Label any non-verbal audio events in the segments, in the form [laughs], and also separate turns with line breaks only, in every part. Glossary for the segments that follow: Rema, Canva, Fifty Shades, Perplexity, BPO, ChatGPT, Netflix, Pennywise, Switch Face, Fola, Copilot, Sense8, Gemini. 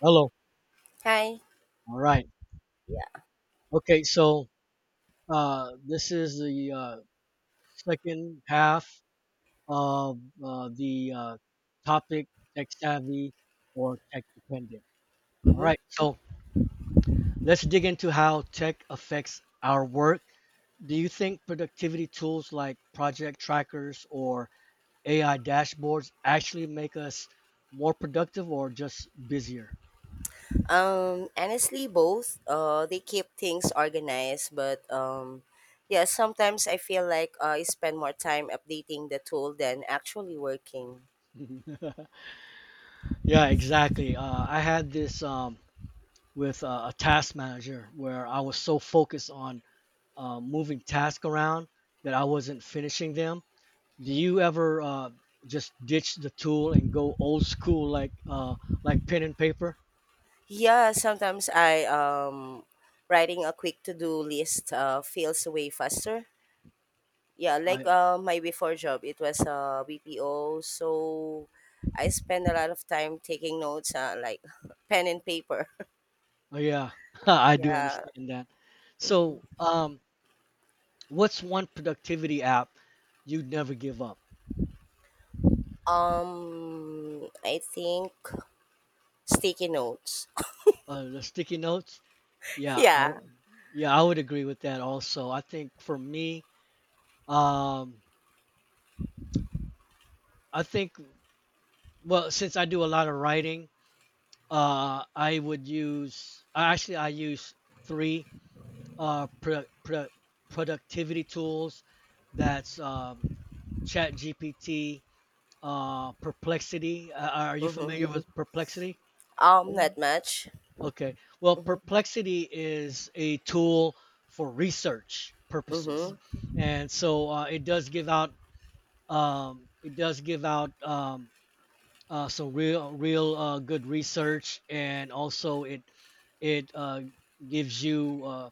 Hello.
Hi.
All right. Okay. So this is the second half of the topic: tech savvy or tech dependent. All
Mm-hmm.
right. So let's dig into how tech affects our work. Do you think productivity tools like project trackers or AI dashboards actually make us more productive or just busier?
Honestly, both. They keep things organized, but yeah, sometimes I feel like I spend more time updating the tool than actually working.
[laughs] Yeah, exactly. I had this. With a task manager where I was so focused on moving tasks around that I wasn't finishing them. Do you ever just ditch the tool and go old school like pen and paper?
Yeah, sometimes I, writing a quick to do list feels way faster. Yeah, like
I
my before job, it was BPO, so I spend a lot of time taking notes, like [laughs] pen and paper. [laughs]
oh, yeah, [laughs] I do
Yeah.
understand that.
Mm-hmm.
So, what's one productivity app you'd never give up?
I think sticky notes.
The sticky notes?
[laughs]
Yeah, I,
Yeah.
w- yeah, I would agree with that also. I think for me, um, I think since I do a lot of writing I would use actually I use three uh pro, pro, productivity tools. That's Chat Perplexity. Are you
Mm-hmm.
familiar with Perplexity?
Not much.
Okay. Well,
Mm-hmm.
Perplexity is a tool for research purposes,
Mm-hmm.
and so it does give out um, it does give out um, some real good research, and also it gives you, uh,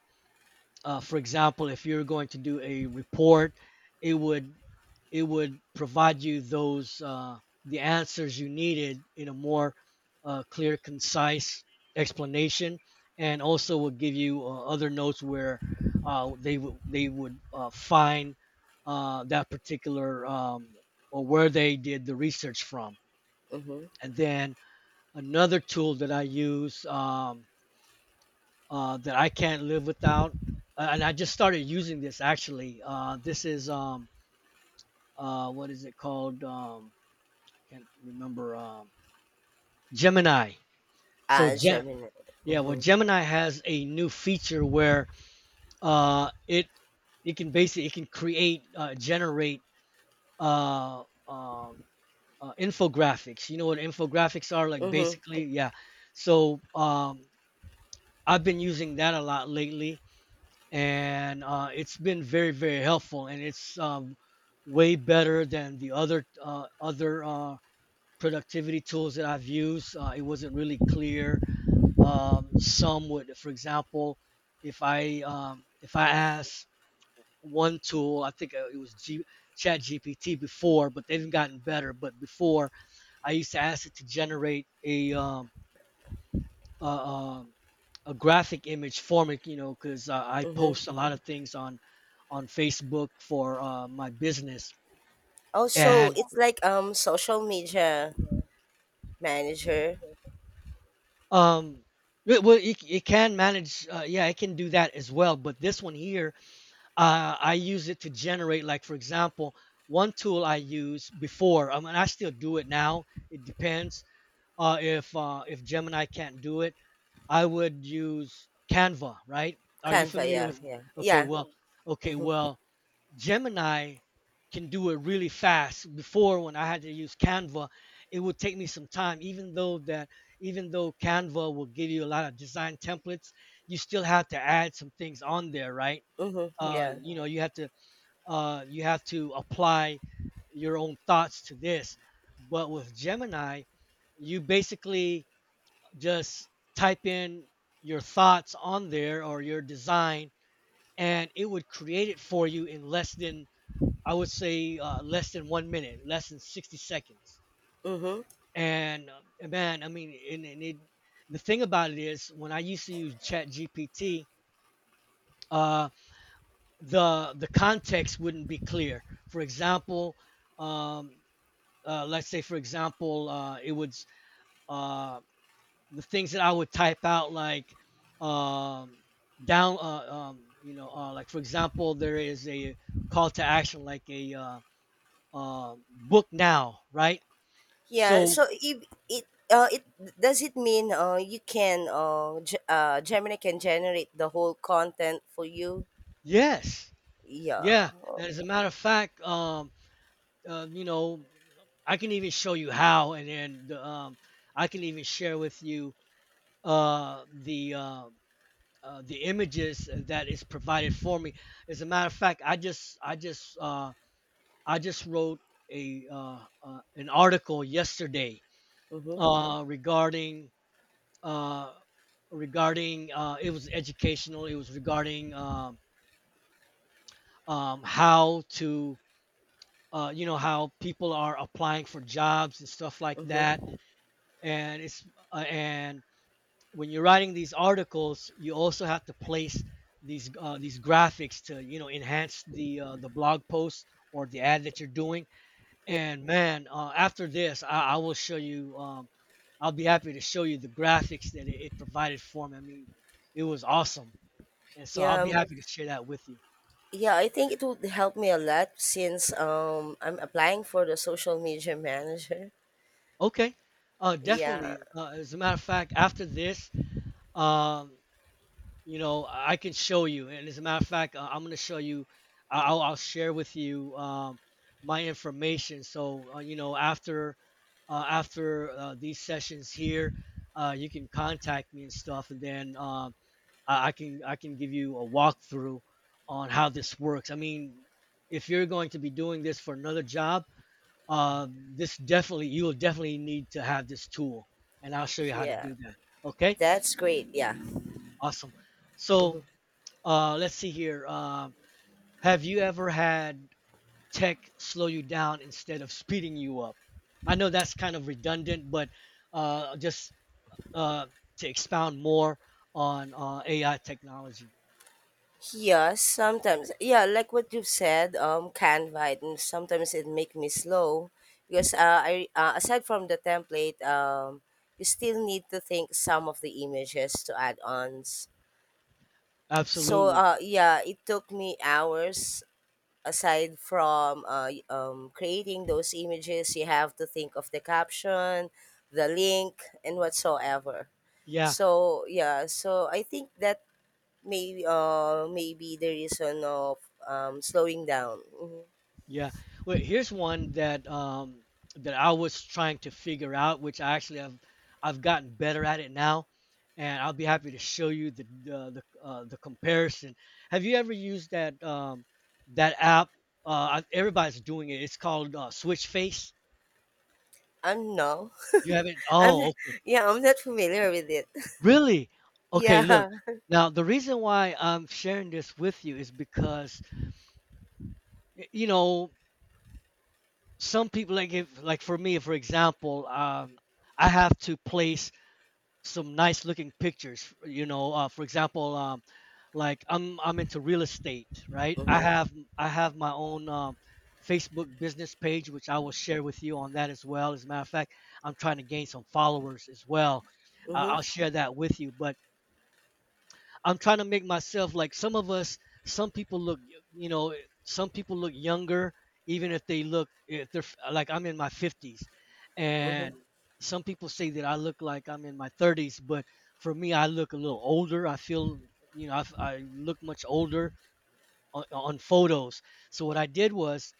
uh, for example, if you're going to do a report, it would it would provide you those the answers you needed in a more clear, concise explanation, and also will give you other notes where they would find that particular or where they did the research from,
Mm-hmm.
and then another tool that I use. That I can't live without. And I just started using this actually. This is what is it called? I can't remember. Gemini. So
Ah,
Gem,
Gemini.
yeah. Well,
Mm-hmm.
Gemini has a new feature where uh, it it can basically it can create generate uh, uh, infographics. You know what infographics are? Like
Mm-hmm.
basically, yeah. So I've been using that a lot lately and it's been very helpful and it's way better than the other productivity tools that I've used. It wasn't really clear. Some would, for example, if I ask one tool, I think it was Chat GPT before, but they've gotten better. But before, I used to ask it to generate a, um, a graphic image format, you know, because I
Mm-hmm.
post a lot of things on Facebook for my business,
Oh, so
and
it's like social media manager.
um, it can manage, yeah, it can do that as well. But this one here, I use it to generate, like for example, one tool I used before. I mean, I still do it now. It depends if Gemini can't do it, I would use Canva, right? Are you
Canva.
familiar
Yeah,
with?
yeah,
Okay,
yeah.
well Gemini can do it really fast. Before when I had to use Canva, it would take me some time. Even though Canva will give you a lot of design templates, you still have to add some things on there, right?
Mm-hmm. Yeah.
You know, you have to apply your own thoughts to this. But with Gemini, you basically just type in your thoughts on there or your design, and it would create it for you in less than I would say less than one minute, less than 60 seconds.
Mm-hmm.
And man, I mean, and it, the thing about it is, when I used to use Chat GPT, uh, the context wouldn't be clear. For example, um, let's say, for example, it would uh, the things that I would type out like um, you know, like for example, there is a call to action like a uh, book now, right?
Yeah.
So
So it does it mean you can Gemini can generate the whole content for you?
Yes.
Yeah.
Yeah. And as a matter of fact, you know, I can even show you how, and then I can even share with you uh, the uh, the images that is provided for me. As a matter of fact, I just wrote a an article yesterday
Mm-hmm.
uh, regarding uh, regarding it was educational. It was regarding how to you know how people are applying for jobs and stuff like that
Mm-hmm.
and it's and when you're writing these articles you also have to place these graphics to you know enhance the blog post or the ad that you're doing and man after this I will show you I'll be happy to show you the graphics that it provided for me. I mean it was awesome, and so I'll
Yeah,
be happy to share that with you.
yeah, I think it would help me a lot since I'm applying for the social media [laughs] manager.
Okay,
Yeah,
definitely. Uh, as a matter of fact after this, um, you know I can show you, and as a matter of fact I'm going to show you I- will I'll share with you my information, so you know after these sessions here you can contact me and stuff, and then I can give you a walkthrough on how this works. I mean if you're going to be doing this for another job, this definitely you will definitely need to have this tool, and I'll show you how to
yeah.
do that. Okay.
That's great. Yeah.
Awesome. So let's see here. Have you ever had tech slow you down instead of speeding you up? I know that's kind of redundant, but just uh, to expound more on AI technology.
Yeah, sometimes. Yeah, like what you've said, Canva and sometimes it make me slow because I aside from the template, you still need to think some of the images to add-ons. So
Absolutely.
yeah, it took me hours aside from creating those images, you have to think of the caption, the link, and whatsoever.
Yeah.
So yeah, so I think that maybe the reason of slowing down. Mhm.
Yeah. Well, here's one that I was trying to figure out, which I actually have I've gotten better at it now, and I'll be happy to show you the comparison. Have you ever used that app? Uh, Everybody's doing it. It's called Switch Face.
I'm no,
You haven't?
[laughs]
Oh,
I'm
okay.
yeah, I'm not familiar with it. [laughs]
Really? Okay. Look.
Yeah.
Now, the reason why I'm sharing this with you is because you know some people like if like for me for example I have to place some nice looking pictures, you know, for example like I'm into real estate, right? i
Mhm.
have i have my own Facebook business page, which I will share with you on that as well. As a matter of fact, I'm trying to gain some followers as well.
Mhm.
I'll share that with you, but I'm trying to make myself like some of us. Some people look, you know, some people look younger, even if they look if they're like I'm in my 50s,
Mhm.
and some people say that I look like I'm in my 30s, but for me, I look a little older. I feel, you know, I look much older on photos. So what I did was,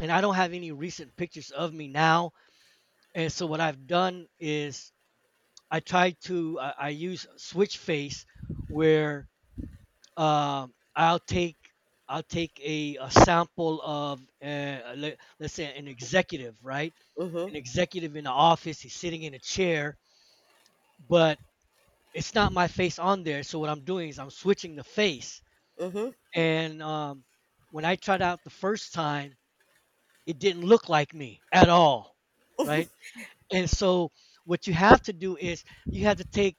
and I don't have any recent pictures of me now, and so what I've done is I use Switch Face where um, I'll take I'll take a sample of let's say an executive, right?
Mhm.
An executive in the office, he's sitting in a chair, but it's not my face on there. So what I'm doing is I'm switching the face.
Mhm.
And when I tried out the first time, it didn't look like me at all, right? And so what you have to do is you have to take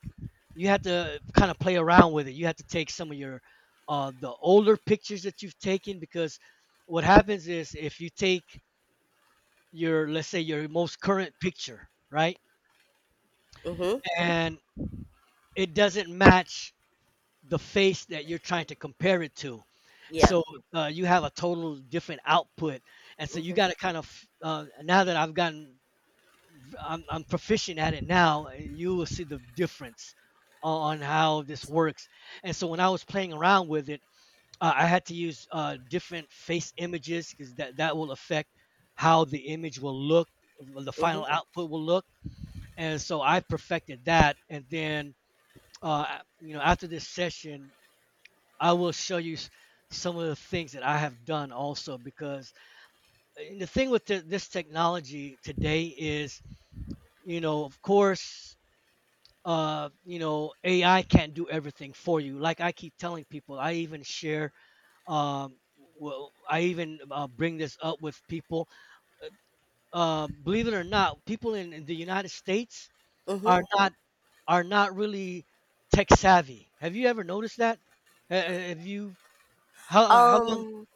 you have to kind of play around with it, you have to take some of your the older pictures that you've taken because what happens is if you take your let's say your most current picture, right?
Mhm.
And it doesn't match the face that you're trying to compare it to,
Yeah.
so you have a total different output. And so you
Mhm.
got to kind of now that I've gotten I'm proficient at it now. You will see the difference on how this works. And so when I was playing around with it, I had to use different face images because that will affect how the image will look, the
Mhm.
final output will look. And so I perfected that. And then, you know, after this session, I will show you some of the things that I have done also because and the thing with this technology today is, you know, of course, you know AI can't do everything for you. Like I keep telling people, I even share um I even bring this up with people. Uh, believe it or not, people in the United States
Mhm.
are not are not really tech savvy. Have you ever noticed that? Have you how long
Um,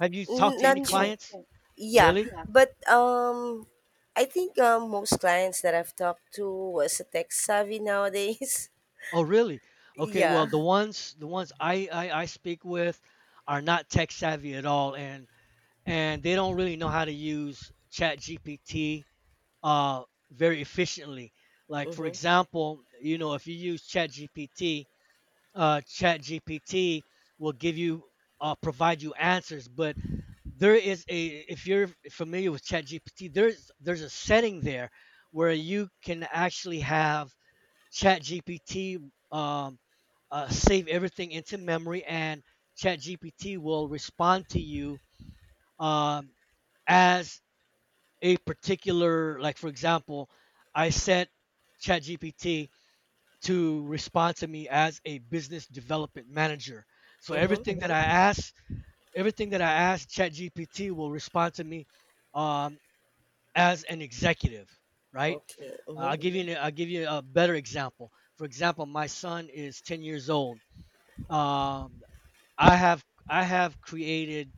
have you talked
N-
to
not
any Mm, Yes,
yet.
clients yes.
Yeah,
Really? Yeah.
but I think most clients that I've talked to was a tech savvy nowadays.
Oh really? Okay, well
[laughs] Yeah.
the ones the ones I speak with are not tech savvy at all, and they don't really know how to use ChatGPT uh, very efficiently. Like for
Mhm.
example, you know, if you use chat will give you provide you answers, but there is a, if you're familiar with ChatGPT, there's a setting there where you can actually have ChatGPT um, save everything into memory, and ChatGPT will respond to you um, as a particular, like for example, I set ChatGPT to respond to me as a business development manager. So
Mhm.
everything that I ask ChatGPT will respond to me, um, as an executive, right?
Okay. Mhm.
I'll give you a better example. For example, my son is 10 years old. um, I have created,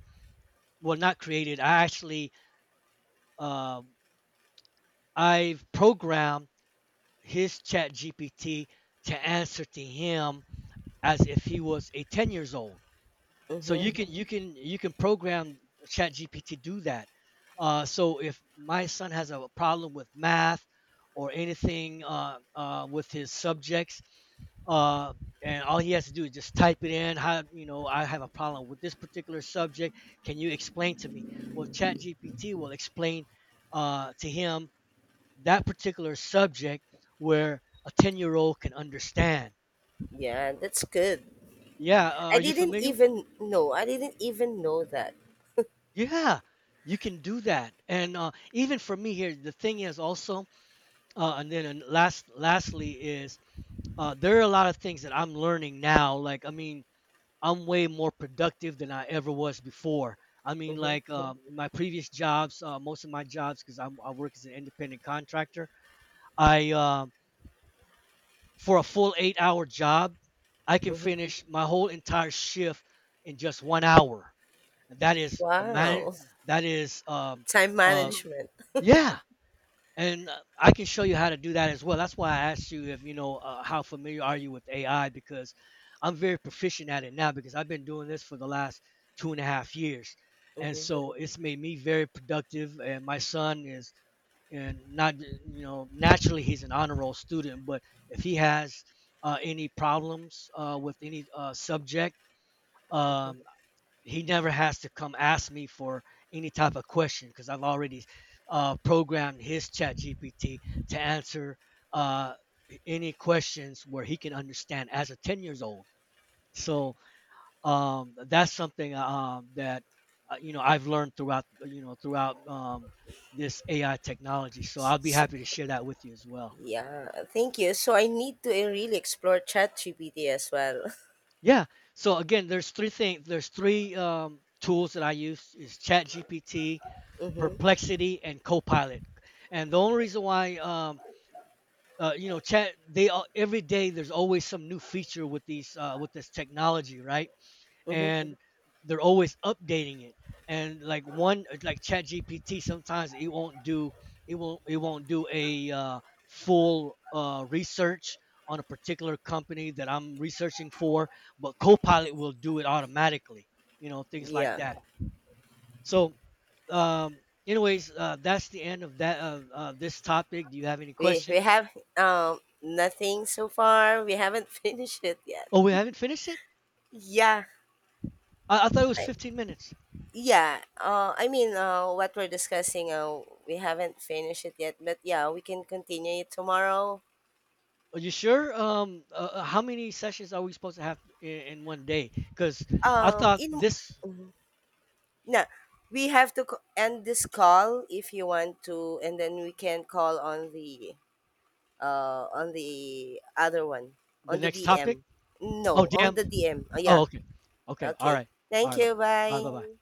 well not created, I actually uh, I've programmed his chat GPT to answer to him as if he was a 10 years old. So you
Mhm.
can you can you can program chat GPT to do that. So if my son has a problem with math or anything with his subjects, uh, and all he has to do is just type it in. How, you know, I have a problem with this particular subject? Can you explain to me? Well, Chat GPT will explain to him that particular subject where a 10-year-old can understand.
Yeah, that's good.
Yeah.
I
Are you
didn't
familiar with that?
even know. I didn't even know that.
Yeah, you can do that. And even for me here, the thing is also, and then and last, lastly is there are a lot of things that I'm learning now. Like, I mean, I'm way more productive than I ever was before. I mean,
Mhm.
like, yeah. In my previous jobs, most of my jobs, because I work as an independent contractor, I, for a full 8 hour job, I can
Mhm.
finish my whole entire shift in just one hour. That is a man.
Wow. [laughs]
That is
Time
uh,
management.
yeah. And I can show you how to do that as well. That's why I asked you if you know how familiar are you with AI, because I'm very proficient at it now because I've been doing this for the last two and a half years, and
Mhm.
so it's made me very productive. And my son is, and not, you know, naturally he's an honor roll student, but if he has any problems with any subject,
Mhm.
um, he never has to come ask me for any type of question, because I've already programmed his chat gpt to answer uh, any questions where he can understand as a 10 years old. So that's something, that you know, I've learned throughout, you know, throughout this AI technology. So I'll be
So,
happy to share that with you as well.
yeah. Thank you. So I need to really explore ChatGPT as well.
Yeah. So again, there's three things. There's three tools that I use: is ChatGPT,
[laughs] Mhm.
Perplexity, and Copilot. And the only reason why, you know, chat, they all, every day there's always some new feature with these with this technology, right?
Mhm.
And they're always updating it, and like one, like ChatGPT, sometimes it won't do, it won't, it won't do a full research on a particular company that I'm researching for, but copilot will do it automatically. You know, things like
Yeah.
that. So, um, anyways, that's the end of that, this topic. Do you have any
We
questions?
have nothing so far. We haven't [laughs] finished it yet.
Oh, we haven't finished it?
Yeah,
I thought it was
I,
15 minutes.
yeah. I mean, what we're discussing, we haven't finished it yet. But yeah, we can continue it tomorrow.
Are you sure? How many sessions are we supposed to have in one day? Because I thought
In
this
No, we have to co- end this call if you want to, and then we can call on the other one
the
on the
next topic.
DM.
Oh
No, on
damn.
the DM. Oh,
Oh
yeah.
okay. Okay. All
Okay.
right. All
Thank
right. Bye
you.
bye.
Bye.
All right. Bye bye.